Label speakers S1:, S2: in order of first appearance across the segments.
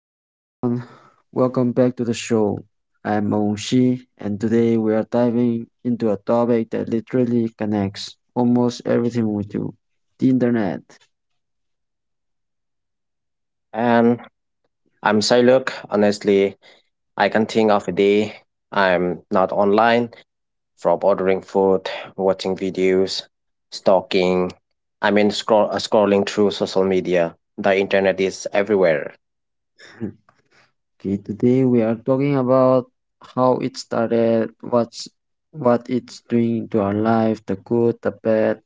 S1: Hey everyone, welcome back to the show. I'm Monshi, and today we are diving into a topic that literally connects almost everything we do, the internet.
S2: And I'm Siluk. Honestly, I can think of a day I'm not online from ordering food, watching videos, stalking. I mean, scrolling through social media. The internet is everywhere.
S1: Okay, today we are talking about how it started, what it's doing to our life, the good, the bad,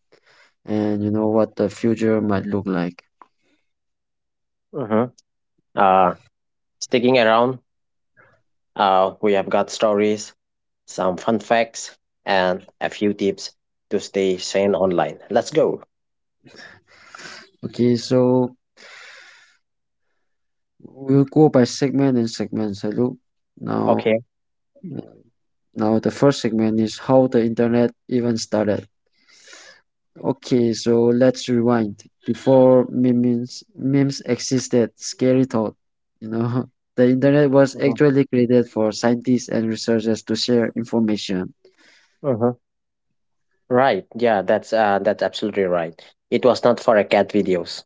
S1: and you know what the future might look like.
S2: Mhm. Uh, sticking around, we have got stories, some fun facts, and a few tips to stay sane online. Let's go.
S1: Okay, so we'll go by segment and segment. Hello. Now,
S2: Okay.
S1: Now, the first segment is how the internet even started. Okay, so let's rewind. Before memes existed, scary thought. You know, the internet was actually created for scientists and researchers to share information.
S2: Mhm. Right. Yeah, that's absolutely right. It was not for a cat videos.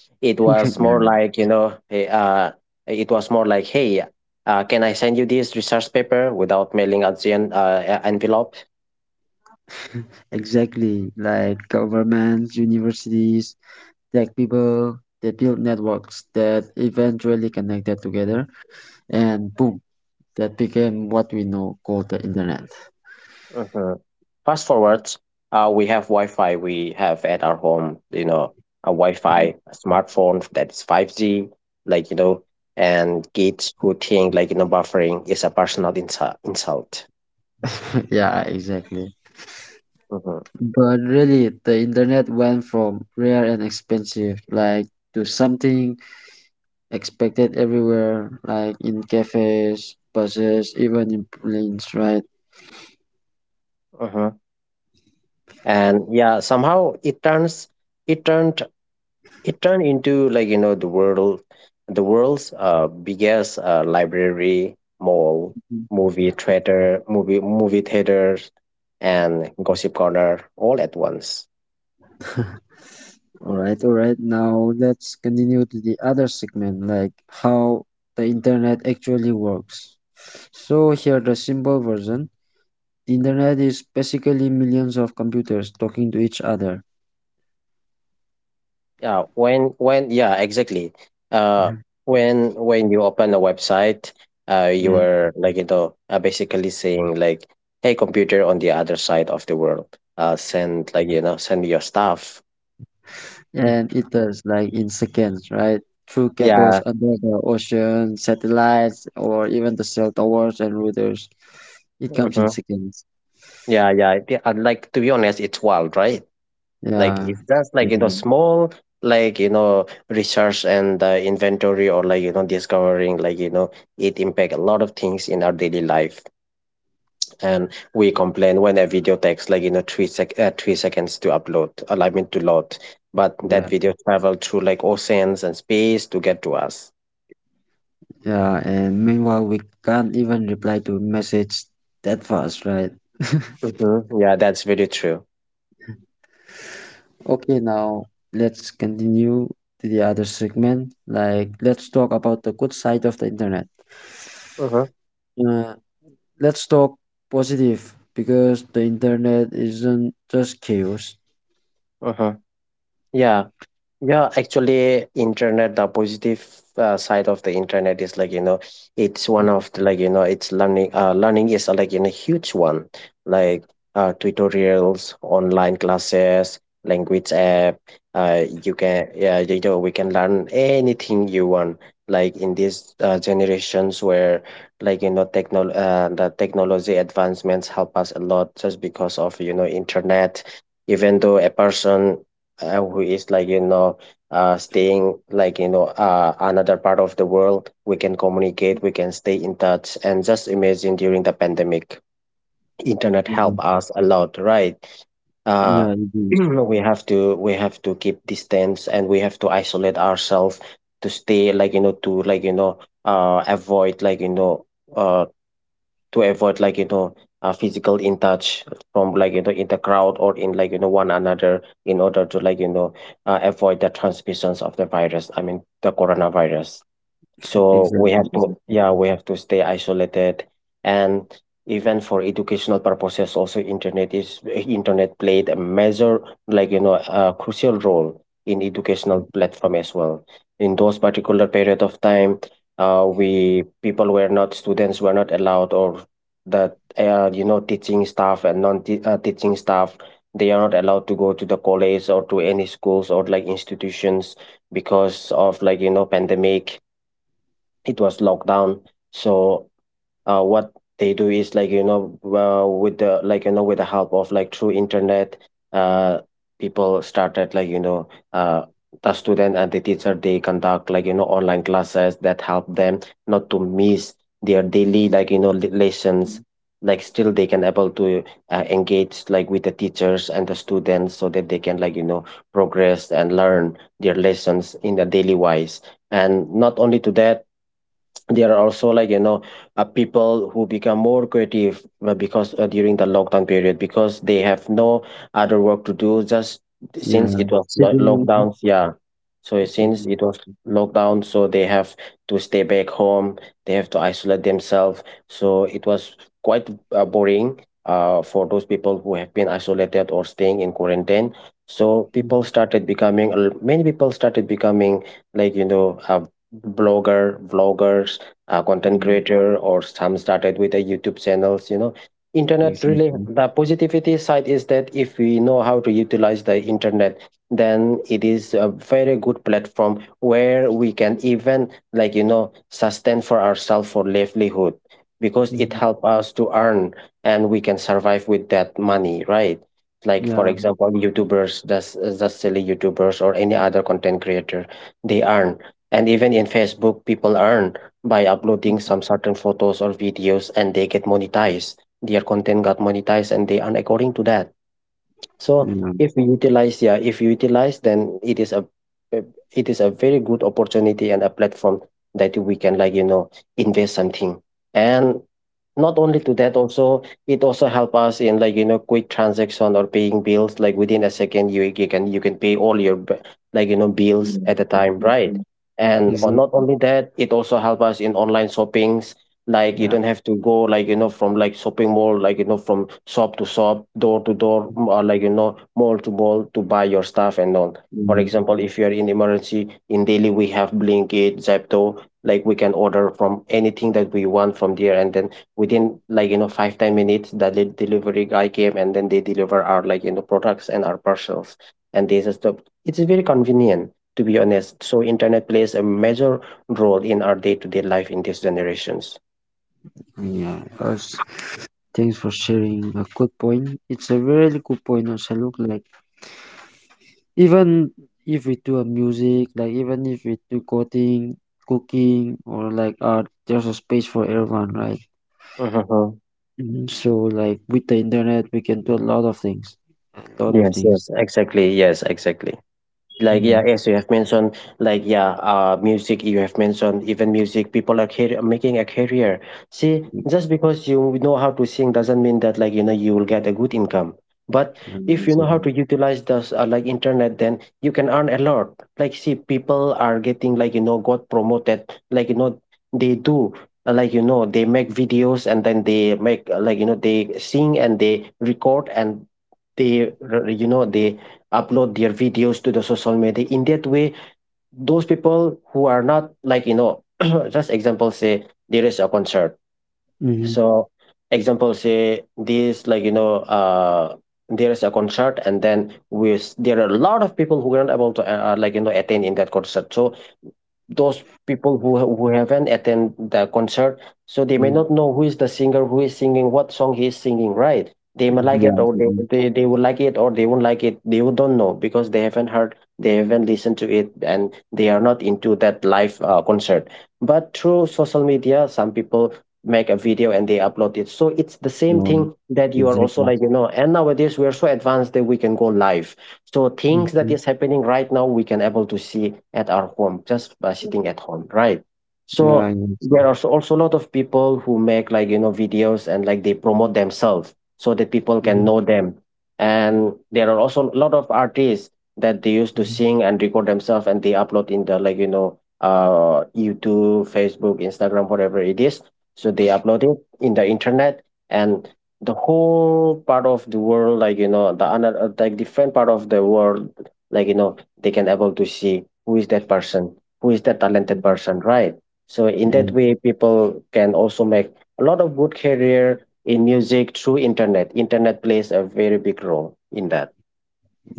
S2: It was
S1: Yeah.
S2: more like, you know, it was more like, hey, can I send you this research paper without mailing out the envelope?
S1: Exactly, like governments, universities, tech people, they built networks that eventually connected together, and boom, that became what we know called the internet.
S2: Hmm Fast forwards, we have Wi-Fi. We have at our home, you know, a Wi-Fi, a smartphone that is 5G, like, you know, and kids who think, like, you know, buffering is a personal insult.
S1: Yeah, exactly.
S2: Mm-hmm.
S1: But really, the internet went from rare and expensive, like, to something expected everywhere, like in cafes, buses, even in planes, right?
S2: Mm-hmm. And yeah, somehow it turned it turned into, like, you know, the world's biggest library, mall, movie theaters, and gossip corner all at once.
S1: All right, all right. Now let's continue to the other segment, like how the internet actually works. So here the simple version. The internet is basically millions of computers talking to each other.
S2: Yeah, when, yeah, exactly. uh
S1: Mhm.
S2: when when you open a website, you
S1: Yeah.
S2: are, like, you know, basically saying, like, hey, computer on the other side of the world, send, like, you know, send me your stuff.
S1: And it does like in seconds, right? Through cables
S2: Yeah.
S1: under the ocean, satellites, or even the cell towers and routers. It comes in
S2: hmm
S1: seconds.
S2: Yeah, yeah. They are, like, to be honest, it's wild, right? Like,
S1: Yeah.
S2: it's just, like, you know,
S1: Mhm.
S2: small, like, you know, research and, inventory, or, like, you know, discovering, like, you know, it impact a lot of things in our daily life. And we complain when a video takes, like, you know, 3 seconds to upload, I mean, to load, but
S1: Yeah.
S2: that video traveled through like oceans and space to get to us.
S1: Yeah. And meanwhile, we can't even reply to message that fast, right?
S2: Hmm Yeah, that's very true.
S1: Okay, now let's continue to the other segment. Like, let's talk about the good side of the internet.
S2: Hmm
S1: Uh, let's talk positive because the internet isn't just chaos.
S2: hmm Yeah, Yeah, actually, internet, the positive side of the internet is, like, you know, it's one of the, like, you know, it's learning is, like, you know, huge one, like, tutorials, online classes, language app. You can, yeah, you know, we can learn anything you want. Like, in these generations where, like, you know, techno the technology advancements help us a lot just because of, you know, internet. Even though a person who is, like, you know, staying, like, you know, another part of the world, we can communicate, we can stay in touch. And just imagine, during the pandemic, internet helped
S1: Mhm.
S2: us a lot, right? uh,
S1: Yeah, it is.
S2: we have to keep distance and we have to isolate ourselves to stay, like, you know, to, like, you know, avoid, like, you know, uh, to avoid, like, you know, a physical in touch from, like, you know, in the crowd or, in like, you know, one another in order to, like, you know, avoid the transmissions of the virus, I mean the coronavirus. So
S1: Exactly.
S2: we have to,
S1: Exactly.
S2: yeah, we have to stay isolated. And even for educational purposes also, internet played a major, like, you know, a crucial role in educational platform as well. In those particular period of time, we people were not, students were not allowed, or that, you know, teaching staff and non teaching staff, they are not allowed to go to the college or to any schools or like institutions, because of, like, you know, pandemic. It was lockdown. So, what they do is, like, you know, with the, like, you know, with the help of, like, through internet, uh, people started, like, you know, uh, the student and the teacher, they conduct, like, you know, online classes that help them not to miss their daily, like, you know, lessons. Like, still they can able to engage like with the teachers and the students, so that they can, like, you know, progress and learn their lessons in the daily wise. And not only to that, there are also, like, you know, people who become more creative, because during the lockdown period, because they have no other work to do. Just since
S1: Yeah.
S2: it was
S1: Sitting on
S2: lockdowns, yeah. So it, since
S1: exactly.
S2: it was lockdown, so they have to stay back home, they have to isolate themselves. So it was quite, boring, for those people who have been isolated or staying in quarantine. So people started becoming, many people started becoming, like, you know, blogger, vloggers, content
S1: Exactly.
S2: creator, or some started with a YouTube channels, you know. Internet really,
S1: Exactly.
S2: the positivity side is that if we know how to utilize the internet, then it is a very good platform where we can even, like, you know, sustain for ourselves for livelihood, because it
S1: Mhm.
S2: help us to earn, and we can survive with that money, right? Like, for
S1: Yeah.
S2: example, YouTubers, just silly YouTubers or any other content creator, they earn. And even in Facebook, people earn by uploading some certain photos or videos and they get monetized. Their content got monetized and they earn according to that. So
S1: Yeah.
S2: if we utilize, yeah, if you utilize, then it is a, a- it is a very good opportunity and a platform that we can, like, you know, invest something. And not only to that, also, it also help us in, like, you know, quick transaction or paying bills, like within a second you can, you can pay all your like, you know, bills
S1: Yeah.
S2: at a time,
S1: Exactly.
S2: right? And or not
S1: Exactly.
S2: only that, it also help us in online shoppings. Like, you
S1: Yeah.
S2: don't have to go, like, you know, from, like, shopping mall, like, you know, from shop to shop, door to door, or, like, you know, mall to mall to buy your stuff and all. For
S1: Mm.
S2: example, if you are in emergency in Delhi, we have Blinkit, Zepto, like, we can order from anything that we want from there, and then within, like, you know, 5, 10 minutes, the delivery guy came and then they deliver our, like, you know, products and our parcels. And this is the, it's very convenient, to be honest. So internet plays a major role in our day-to-day life in these generations.
S1: Yeah. Thanks for sharing a good point. It's a really good point, also look like. Even if we do a music, like even if we do coding, cooking, or like art, there's a space for everyone, right?
S2: Mhm.
S1: Mhm. So like with the internet, we can do a lot of things, a lot of things.
S2: Yes exactly yes, exactly, like,
S1: Mm,
S2: yeah, as you have mentioned, like, yeah, music, you have mentioned, even music, people are making a career. See,
S1: mm,
S2: just because you know how to sing doesn't mean that, like, you know, you will get a good income. But if you
S1: yeah,
S2: know how to utilize this, like, internet, then you can earn a lot. Like, see, people are getting, like, you know, got promoted, like, you know. They do, like, you know, they make videos, and then they make, like, you know, they sing and they record, and you know, they upload their videos to the social media. In that way, those people who are not, like, you know, just example say, there is a concert.
S1: hmm,
S2: So example say this, like, you know, there is a concert, and then with, there are a lot of people who are not able to like, you know, attend in that concert. So those people who who haven't attend the concert, so they may
S1: mm,
S2: not know who is the singer, who is singing, what song he is singing, right? They may like
S1: hmm, yeah,
S2: it, or they,
S1: exactly.
S2: they, they will like it, or they won't like it, they don't know, because they haven't heard, they haven't listened to it, and they are not into that live, concert. But through social media, some people make a video and they upload it. So it's the
S1: a
S2: same
S1: good-
S2: thing that
S1: yeah,
S2: you are also,
S1: exactly.
S2: like, you know, and nowadays we are so advanced that we can go live. So things that
S1: Hmm.
S2: is happening right now, we can able to see at our home just by sitting at home, right? So
S1: Yeah, yeah. That's it.
S2: there are also a lot of people who make, like, you know, videos and like they promote themselves so that people can
S1: Hmm.
S2: know them. And there are also a lot of artists that they used to
S1: Hmm.
S2: sing and record themselves and they upload in the, like, you know, YouTube, Facebook, Instagram, whatever it is. So they upload it in the internet, and the whole part of the world, like the another, like different part of the world, like they can able to see who is that person, who is that talented
S1: Mm,
S2: person, right? So in
S1: yeah,
S2: that way people can also make a lot of good career in music through internet. Internet plays a very big role in that.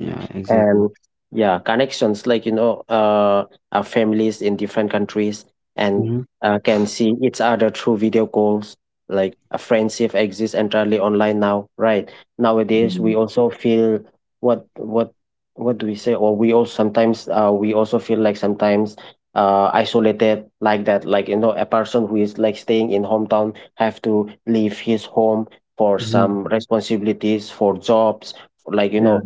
S1: yeah,
S2: And
S1: exactly.
S2: yeah, connections, like families in different countries, and
S1: Hmm,
S2: can see each other through video calls. Like a friendship exists entirely online now, right? Nowadays we
S1: mm,
S2: also feel, what what what do we say? Or we also sometimes, we also feel like sometimes isolated, like that, like a person who is like staying in hometown have to leave his home for
S1: hmm,
S2: some responsibilities, for jobs, like
S1: yeah.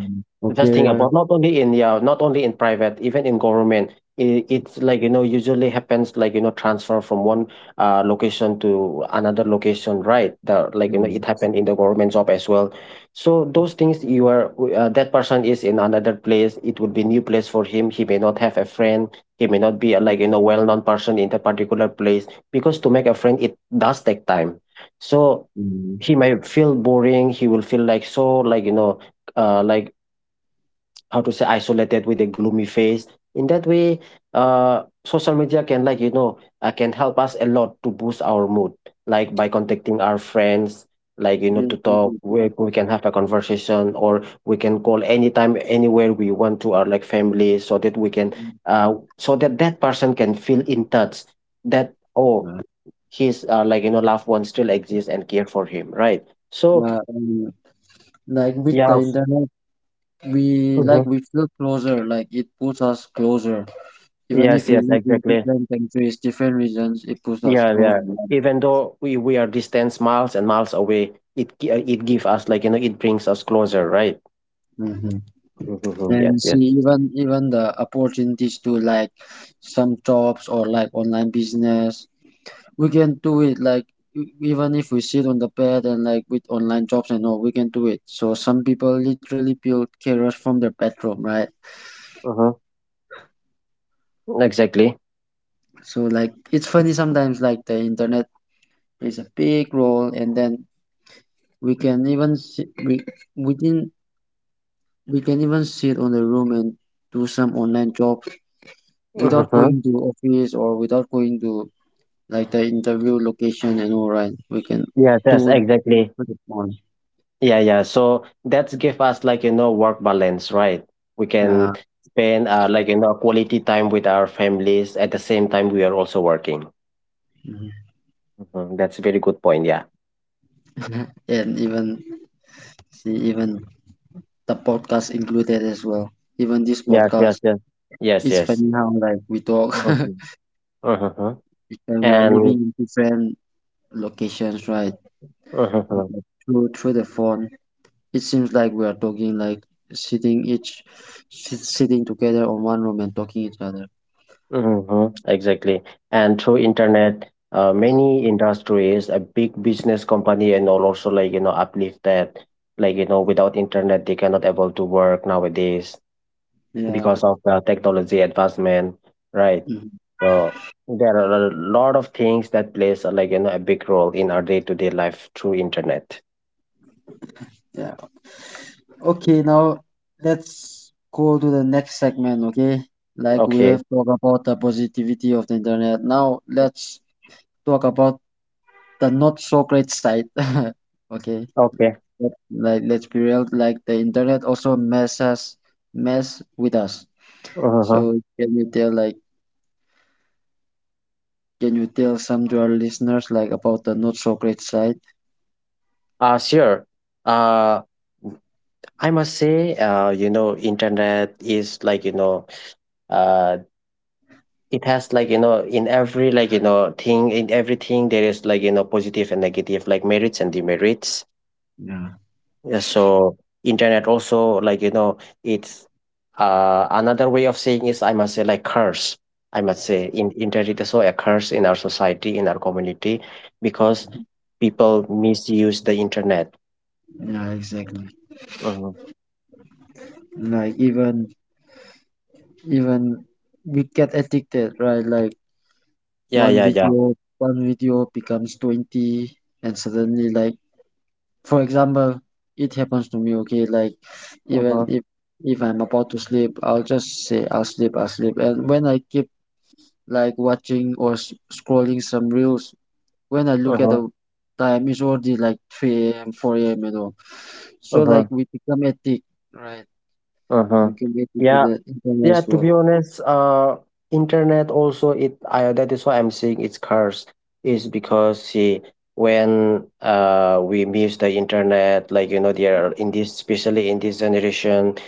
S2: just think
S1: Okay.
S2: about, not only in, yeah, not only in private, even in government. It's like usually happens, like transfer from one location to another location, right? Like it
S1: Mm,
S2: happened in the government job as well. So those things you are, that person is in another place. It would be new place for him. He may not have a friend. He may not be a, like
S1: mm,
S2: well known person in that particular place, because to make a friend it does take time. So
S1: mm.
S2: he might feel boring. He will feel like so, like like how to say isolated, with a gloomy face, in that way social media can, like can help us a lot to boost our mood, like by contacting our friends, like
S1: Yeah.
S2: to talk. We can have a conversation, or we can call anytime, anywhere we want, to our like family, so that we can so that that person can feel in touch, that, oh,
S1: Uh,
S2: his like loved one still exists and care for him, right? So
S1: yeah, and like with
S2: yeah.
S1: the internet, we like
S2: Mhm.
S1: we feel closer. Like it puts us closer. Even if
S2: Yes,
S1: we
S2: yes,
S1: live in
S2: exactly.
S1: different countries, different regions, it puts us
S2: Yeah,
S1: closer.
S2: yeah. Even though we are distance miles and miles away, it gives us, like it brings us closer, right?
S1: Mm-hmm.
S2: Mhm. Yes,
S1: And see,
S2: yes.
S1: even the opportunities to like some jobs or like online business, we can do it. Like even if we sit on the bed and like with online jobs and all, we can do it. So some people literally build careers from their bedroom, right?
S2: Hmm. Exactly.
S1: So like it's funny sometimes. Like the internet plays a big role and then we can even si- we didn't we can even sit on the room and do some online job without
S2: Hmm.
S1: going to office or without going to like the interview location and all right, we can
S2: Yes, yes,
S1: do it
S2: exactly.
S1: with the phone.
S2: Yeah, yeah. So that's give us, like work balance, right? We can
S1: Yeah.
S2: spend, like quality time with our families, at the same time we are also working.
S1: Mhm.
S2: Hmm. That's a very good point. Yeah.
S1: And even see, even the podcast included as well, even this
S2: Yes,
S1: podcast,
S2: yes, yes. Yes,
S1: it's
S2: yes.
S1: funny how like we talk
S2: Mm-hmm. Mm-hmm.
S1: and we are living
S2: And.
S1: in different locations, right?
S2: Mhm.
S1: Through the phone, it seems like we are talking like sitting each sitting together on one room and talking each other.
S2: Hmm, exactly. And through internet, many industries, a big business company, and all also like uplift that. Like, without internet, they cannot able to work nowadays,
S1: Yeah,
S2: because of the technology advancement, right?
S1: mhm,
S2: So there are a lot of things that plays, like a big role in our day to day life through internet.
S1: yeah. Okay, now let's go to the next segment, okay? Like we
S2: Okay.
S1: have talked about the positivity of the internet. Now let's talk about the not so great side. Okay.
S2: Okay.
S1: Like let's be real, like the internet also mess with us.
S2: Uh-huh.
S1: So can you tell some to our listeners like about the not so great side?
S2: Sure. Uh, I must say, internet is like uh, it has, like in every like thing, in everything there is, like positive and negative, like merits and demerits.
S1: Yeah,
S2: Yeah, so internet also, like it's another way of saying is, I must say, like, curse. I must say in internet is also a curse in our society, in our community, because people misuse the internet.
S1: yeah, exactly.
S2: Mhm.
S1: Like even we get addicted, right? Like
S2: Yeah,
S1: one
S2: yeah, yeah.
S1: video, one video becomes 20, and suddenly like for example, it happens to me, okay, like even
S2: Uh-huh.
S1: if I'm about to sleep, I'll just say I'll sleep, I'll sleep. And when I keep like watching or s scrolling some reels, when I look at
S2: Uh-huh.
S1: the time, it's already like 3 a.m., 4 a.m. and all. So like
S2: Uh-huh.
S1: we become addicted. Right.
S2: Uh-huh.
S1: You can get into
S2: Yeah.
S1: the
S2: Yeah,
S1: e-commerce
S2: to
S1: world.
S2: be honest, internet also, it, I, that is why I'm saying it's curse, is because, see, when we miss the internet, like there are, in this, especially in this generation,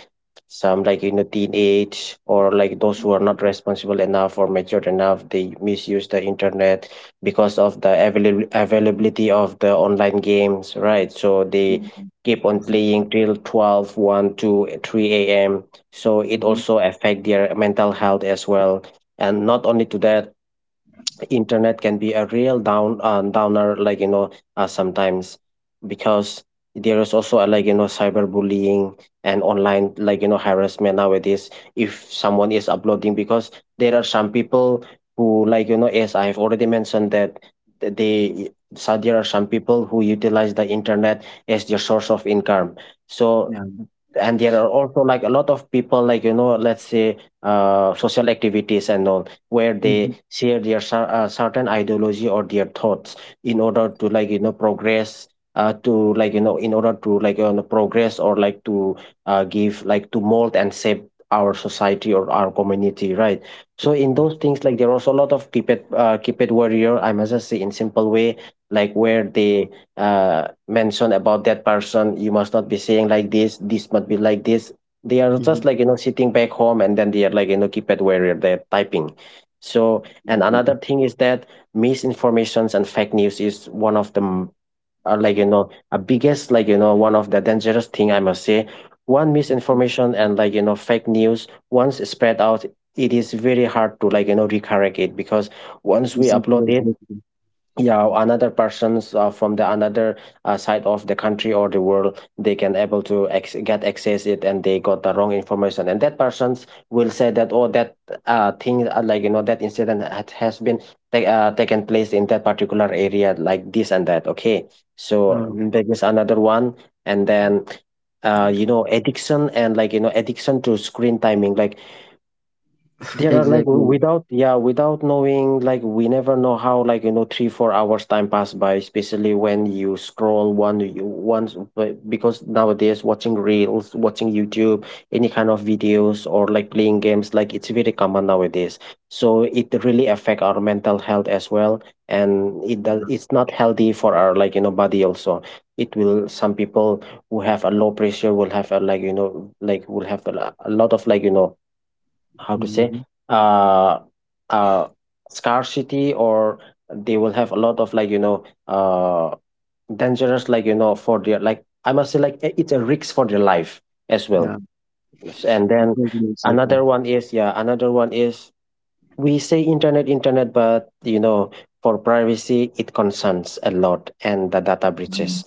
S2: some, like in the teenage, or like those who are not responsible enough or matured enough, they misuse the internet, because of the availability of the online games, right? So they
S1: Mm-hmm.
S2: keep on playing till 12, 1, 2, 3 a.m. So it also affect their mental health as well. And not only to that, internet can be a real downer, like sometimes, because there is also, like cyberbullying, and online, like harassment nowadays, if someone is uploading, because there are some people who, like as I've already mentioned, that they, so there are some people who utilize the internet as their source of income. So,
S1: Yeah.
S2: and there are also like a lot of people, like let's say social activities and all, where
S1: Mm-hmm.
S2: they share their certain ideology, or their thoughts, in order to like progress, to like in order to like progress, or like to give, like to mold and shape our society or our community, right? So in those things, like, there are also a lot of keep it, keep it warrior, I must just say, in simple way, like, where they uh, mention about that person, you must not be saying like this must be like this. They are
S1: Mm-hmm.
S2: just, like sitting back home, and then they are, like keypad warrior, they're typing. So, and another thing is that misinformations and fake news is one of the, are, like a biggest, like one of the dangerous thing, I must say. One misinformation and, like fake news, once spread out, it is very hard to like recorrect it, because once we upload it,
S1: Exactly.
S2: yeah, another persons, from the another side of the country or the world, they can able to get access it, and they got the wrong information, and that persons will say that, oh, that thing, like that incident has been taken place in that particular area, like this and that. Okay, so,
S1: Oh,
S2: there is another one. And then, addiction and, like addiction to screen timing, like, there are like
S1: exactly.
S2: without, yeah, without knowing, like, we never know how, like 3 4 hours time pass by, especially when you scroll one, you once, but because nowadays, watching reels, watching YouTube, any kind of videos, or like playing games, like, it's very common nowadays. So it really affect our mental health as well, and it does. It's not healthy for our, like body also. It will some people who have a low pressure will have a, like like, will have a, a lot of, like how to say,
S1: Mm-hmm.
S2: uh uh scarcity, or they will have a lot of, like dangerous, like for their, like, I must say, like, it's a risk for their life as
S1: Yeah.
S2: well. And then
S1: Exactly. Exactly.
S2: another one is, yeah, another one is, we say internet internet, but you know, for privacy it concerns a lot, and the data
S1: Mm.
S2: breaches,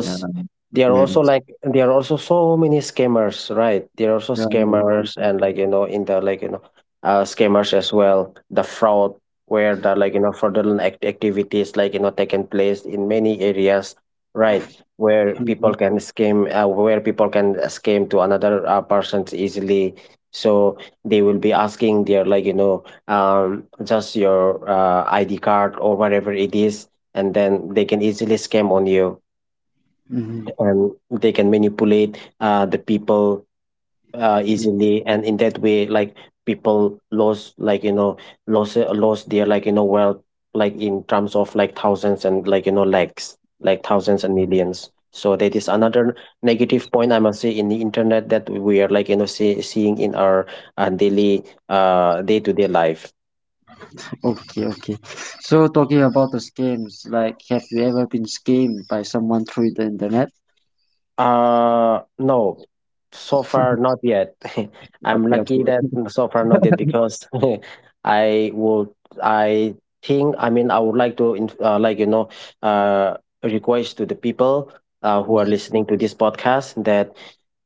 S1: Yeah.
S2: there are also
S1: Games.
S2: like, there are also so many scammers, right? There are also
S1: Yeah.
S2: scammers and,
S1: Exactly.
S2: like in the, like scammers as well, the fraud, where the, like fraudulent activities, like taken place in many areas, right? Where people
S1: Mm-hmm.
S2: can scam, to another persons easily. So they will be asking their, like just your, ID card, or whatever it is, and then they can easily scam on you,
S1: Mm-hmm.
S2: and they can manipulate, the people, easily, and in that way, like, people lost, like lost their, like wealth, like in terms of like thousands, and like lakhs, like thousands and millions. So that is another negative point I must say, in the internet, that we are, like seeing in our, daily, day to day life.
S1: Okay. Okay. So talking about the scams, like, have you ever been scammed by someone through the internet?
S2: No, so far not yet. I'm
S1: Okay. Okay.
S2: lucky that so far not yet, because I would, I think, I mean, I would like to, like, uh, request to the people, who are
S1: Mhm.
S2: listening to this podcast, that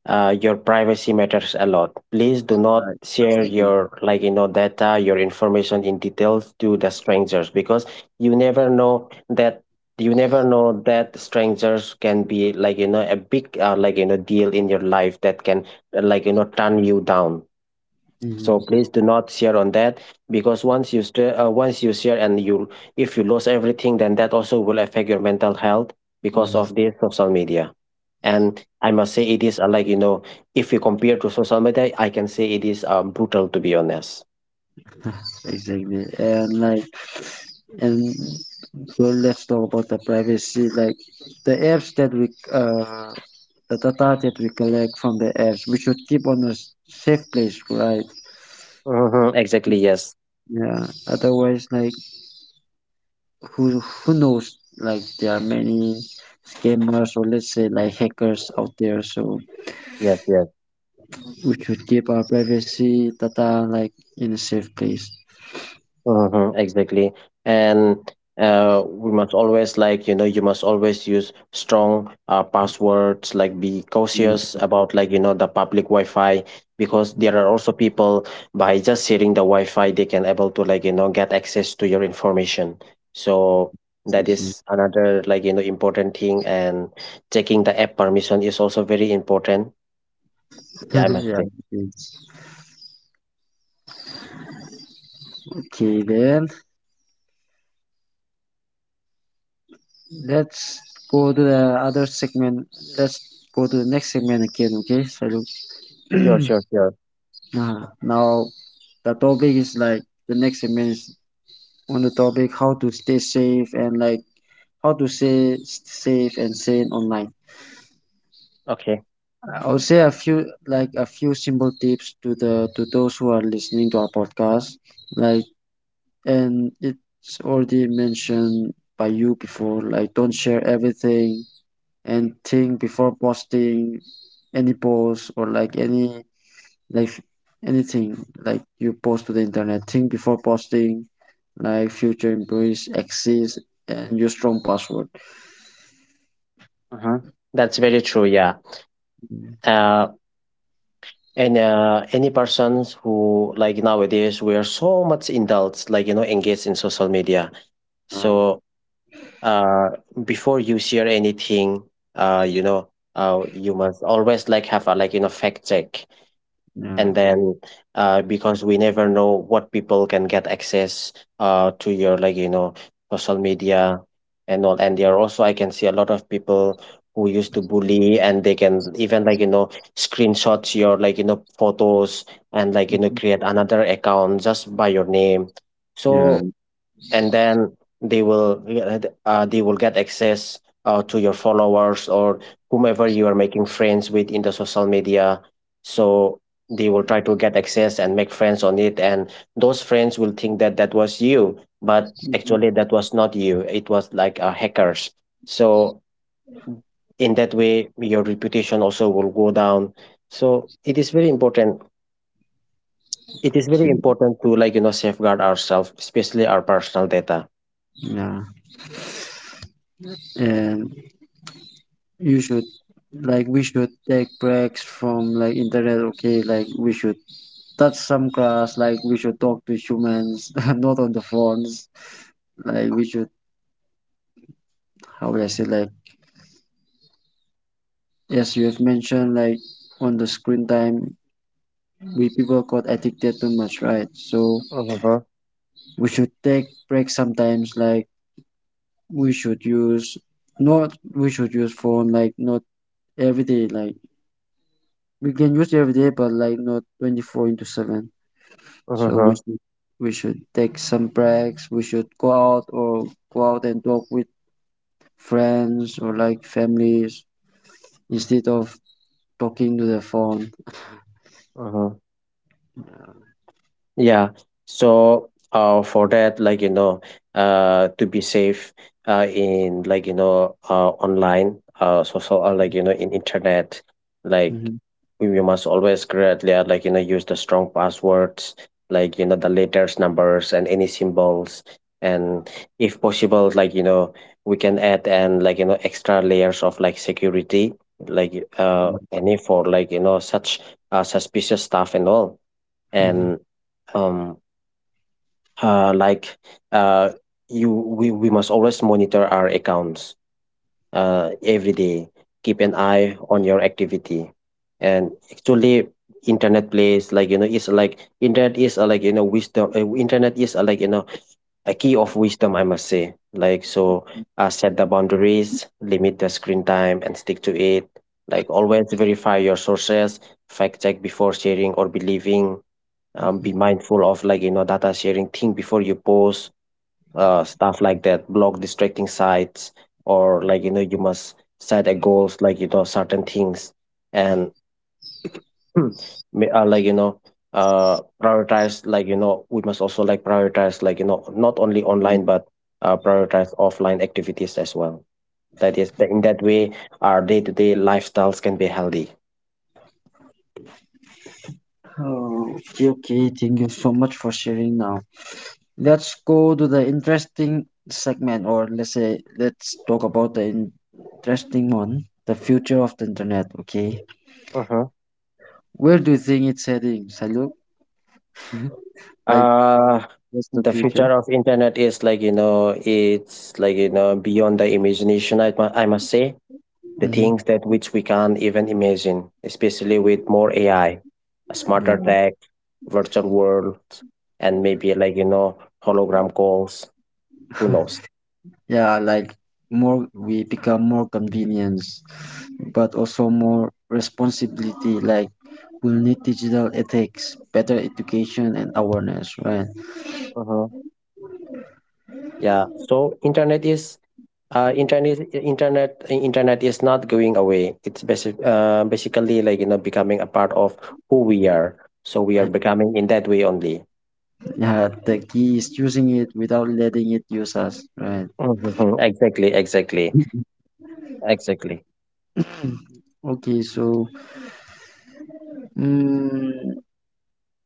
S2: your privacy matters a lot. Please do not
S1: Right.
S2: share your, like, data, your information in details, to the strangers, because you never know that you never know that strangers can be, like a big, like deal in your life, that can like turn you down.
S1: Mm-hmm.
S2: So please do not share on that, because once you once you share and you, if you lose everything, then that also will affect your mental health, because
S1: Mm-hmm.
S2: of this social media. And I must say it is, like if you compare to social media, I can say it is, brutal, to be honest.
S1: Exactly. And like and well, let's talk about the privacy. Like the apps that we the data that we collect from the apps, we should keep on a safe place, right?
S2: Hmm, exactly. Yes.
S1: Yeah. Otherwise, like who knows? Like there are many scammers or let's say like hackers out there. So
S2: Yes, yes.
S1: we should keep our privacy data like in a safe place.
S2: Mm-hmm, exactly. And, we must always, like you must always use strong passwords. Like, be cautious
S1: Yeah.
S2: about, like the public Wi-Fi, because there are also people, by just sharing the Wi-Fi, they can able to, like get access to your information. So that is another, like important thing. And checking the app permission is also very important. Yeah, I must
S1: Yeah.
S2: say.
S1: Okay. Okay then. Let's go to the other segment. Let's go to the next segment again, okay? So look,
S2: Sure, sure, sure.
S1: now the topic is like the next segment is on the topic how to stay safe and how to stay sane online.
S2: Okay.
S1: I will say a few simple tips to those who are listening to our podcast. Like and it's already mentioned by you before. Like don't share everything and think before posting any post or like any like anything like you post to the internet, think before posting, like future employees exist, and use strong password.
S2: Uh-huh. That's very true. Yeah. Uh, And, any persons who like nowadays we are so much indulged, like, engaged in social media.
S1: um,
S2: So, uh, before you share anything, you must always have a fact check.
S1: yeah.
S2: And then because we never know what people can get access to your social media and all. And there are also I can see a lot of people who used to bully, and they can even screenshots your photos and
S1: Mhm.
S2: create another account just by your name.
S1: Yeah.
S2: So, and then they will, yeah, they will get access to your followers or whomever you are making friends with in the social media. So they will try to get access and make friends on it, and those friends will think that that was you, but actually that was not you, it was like hackers. So in that way your reputation also will go down. So it is very important, it is very
S1: Okay.
S2: important to safeguard ourselves, especially our personal data.
S1: Yeah, and you should like we should take breaks from like internet, okay? Like we should touch some grass, like we should talk to humans not on the phones. Like we should, how would I say, like... Yes, you have mentioned like on the screen time, we people got addicted too much, right? So
S2: Mm-hmm,
S1: we should take breaks sometimes. Like we should use we should use phone like not every day. Like we can use every day, but like not 24 into seven.
S2: mm-hmm,
S1: So we
S2: mm-hmm.
S1: should we should take some breaks. We should go out and talk with friends or like families instead of talking to the phone.
S2: Mm-hmm. Yeah. So for that, to be safe in online, in internet, like
S1: Mhm,
S2: we must always correctly use the strong passwords, the letters, numbers, and any symbols. And if possible, we can add and extra layers of like security, any for such suspicious stuff and all.
S1: mhm.
S2: And um uh like uh you, we must always monitor our accounts every day, keep an eye on your activity. And actually internet plays, it's like internet is wisdom, internet is a key of wisdom, I must say. Set the boundaries, limit the screen time and stick to it. Like always verify your sources, fact check before sharing or believing. Be mindful of data sharing, think before you post stuff like that. Block distracting sites, or you must set a goals certain things. And ma- uh, like you know prioritize, we must also like prioritize, not only online but prioritize offline activities as well. That is that in that way our day-to-day lifestyles can be healthy.
S1: Oh, okay, okay. Thank you so much for sharing now. Let's go to the interesting segment, or let's say, let's talk about the interesting one, the future of the internet, okay?
S2: Uh-huh.
S1: Where do you think it's heading, Saluk? Like,
S2: Uh,
S1: what's the
S2: the
S1: future?
S2: future of internet is it's beyond the imagination, I must say. The
S1: Hmm.
S2: things that which we can't even imagine, especially with more AI, a smarter
S1: Yeah,
S2: tech, virtual worlds, and maybe hologram calls, who knows?
S1: yeah, like more we become more convenience, but also more responsibility. Like, we'll need digital ethics, better education, and awareness, right?
S2: Uh-huh. Yeah. So internet is, internet is not going away. It's basically becoming a part of who we are. So we are becoming in that way only.
S1: Yeah, the key is using it without letting it use us, right?
S2: Mhm. Exactly, exactly, exactly.
S1: Okay, so mm,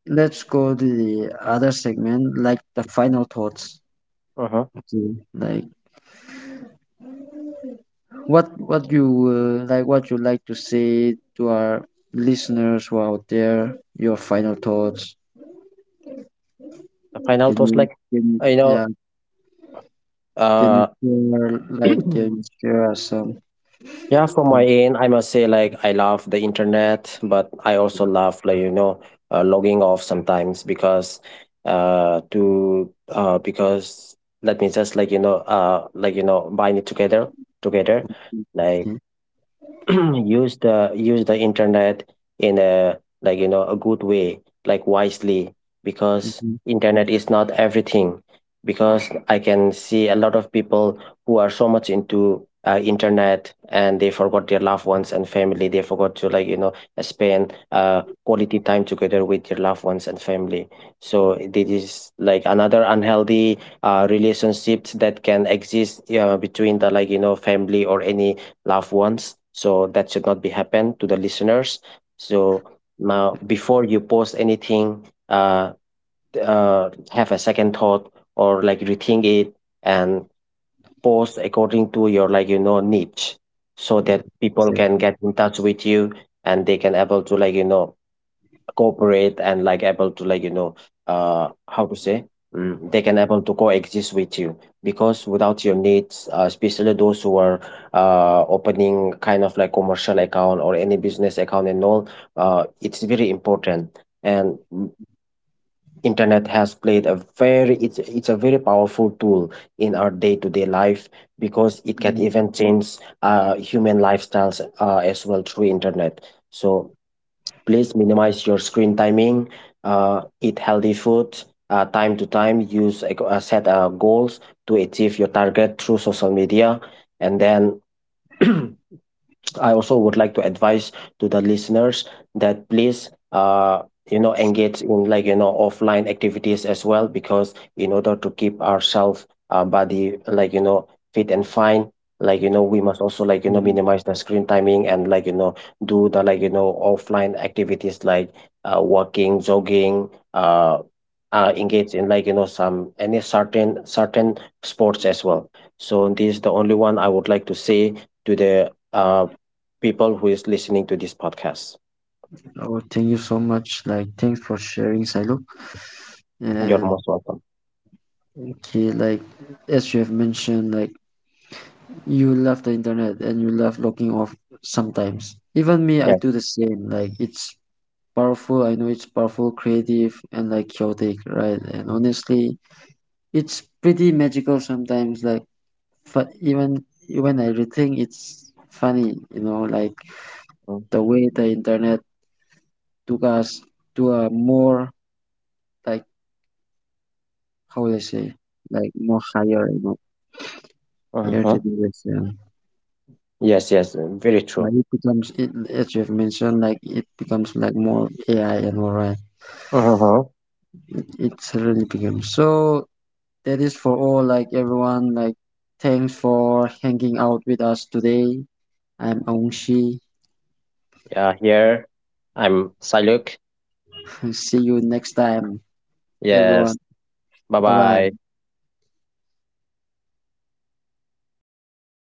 S1: let's go to the other segment, like the final thoughts.
S2: Mhm.
S1: Okay, like what you like to say to our listeners who are out there. Your final thoughts.
S2: The final
S1: Can
S2: thoughts,
S1: you
S2: like
S1: can you-
S2: uh, you
S1: yeah
S2: know,
S1: can you
S2: uh,
S1: share like can you share us some
S2: yeah, from my
S1: thoughts?
S2: end, I must say, like, I love the internet, but I also love, logging off sometimes because let me just, bind it together. Like,
S1: Okay,
S2: use the internet in a a good way, like wisely, because
S1: mhm,
S2: internet is not everything. Because I can see a lot of people who are so much into internet, and they forgot their loved ones and family. They forgot to spend quality time together with their loved ones and family. So this is like another unhealthy relationships that can exist between the family or any loved ones. So that should not be happen to the listeners. So now, before you post anything, have a second thought or like rethink it, and post according to your niche, so that people can
S1: exactly,
S2: get in touch with you, and they can able to cooperate and like able to how to say, they can able to coexist with you. Because without your needs, especially those who are opening kind of like commercial account or any business account and all, it's very important. And internet has played a very, it's a very powerful tool in our day-to-day life, because it can even change human lifestyles as well through internet. So please minimize your screen timing. Eat healthy food. Time to time, set goals to achieve your target through social media, and then I also would like to advise to the listeners that please, engage in offline activities as well, because in order to keep ourselves, our body fit and fine, we must also
S1: mhm.
S2: minimize the screen timing and do the offline activities, like walking, jogging, uh, engage in some any certain sports as well. So this is the only one I would like to say to the people who is listening to this podcast.
S1: Oh, thank you so much. Like, thanks for sharing, Silo.
S2: You're
S1: And
S2: most welcome.
S1: okay, like as you have mentioned, like you love the internet and you love logging off sometimes. Even me, I do
S2: Yes.
S1: the same. Like it's powerful. I know it's powerful, creative, and like chaotic, right? And honestly, it's pretty magical sometimes. Like even when I rethink, it's funny. You know, like the way the internet took us to a more like how will I say, like more higher, you know, higher
S2: Mm-hmm.
S1: generation.
S2: Yes, yes, very true.
S1: Like it becomes, it, as you have mentioned, like it becomes like more AI and all right.
S2: Mm-hmm.
S1: It certainly becomes. So that is for all, like everyone, like thanks for hanging out with us today. I'm Ongshi.
S2: Yeah, here I'm Saluk.
S1: See you next time,
S2: Yes.
S1: everyone.
S2: Bye
S1: Bye bye.
S2: bye.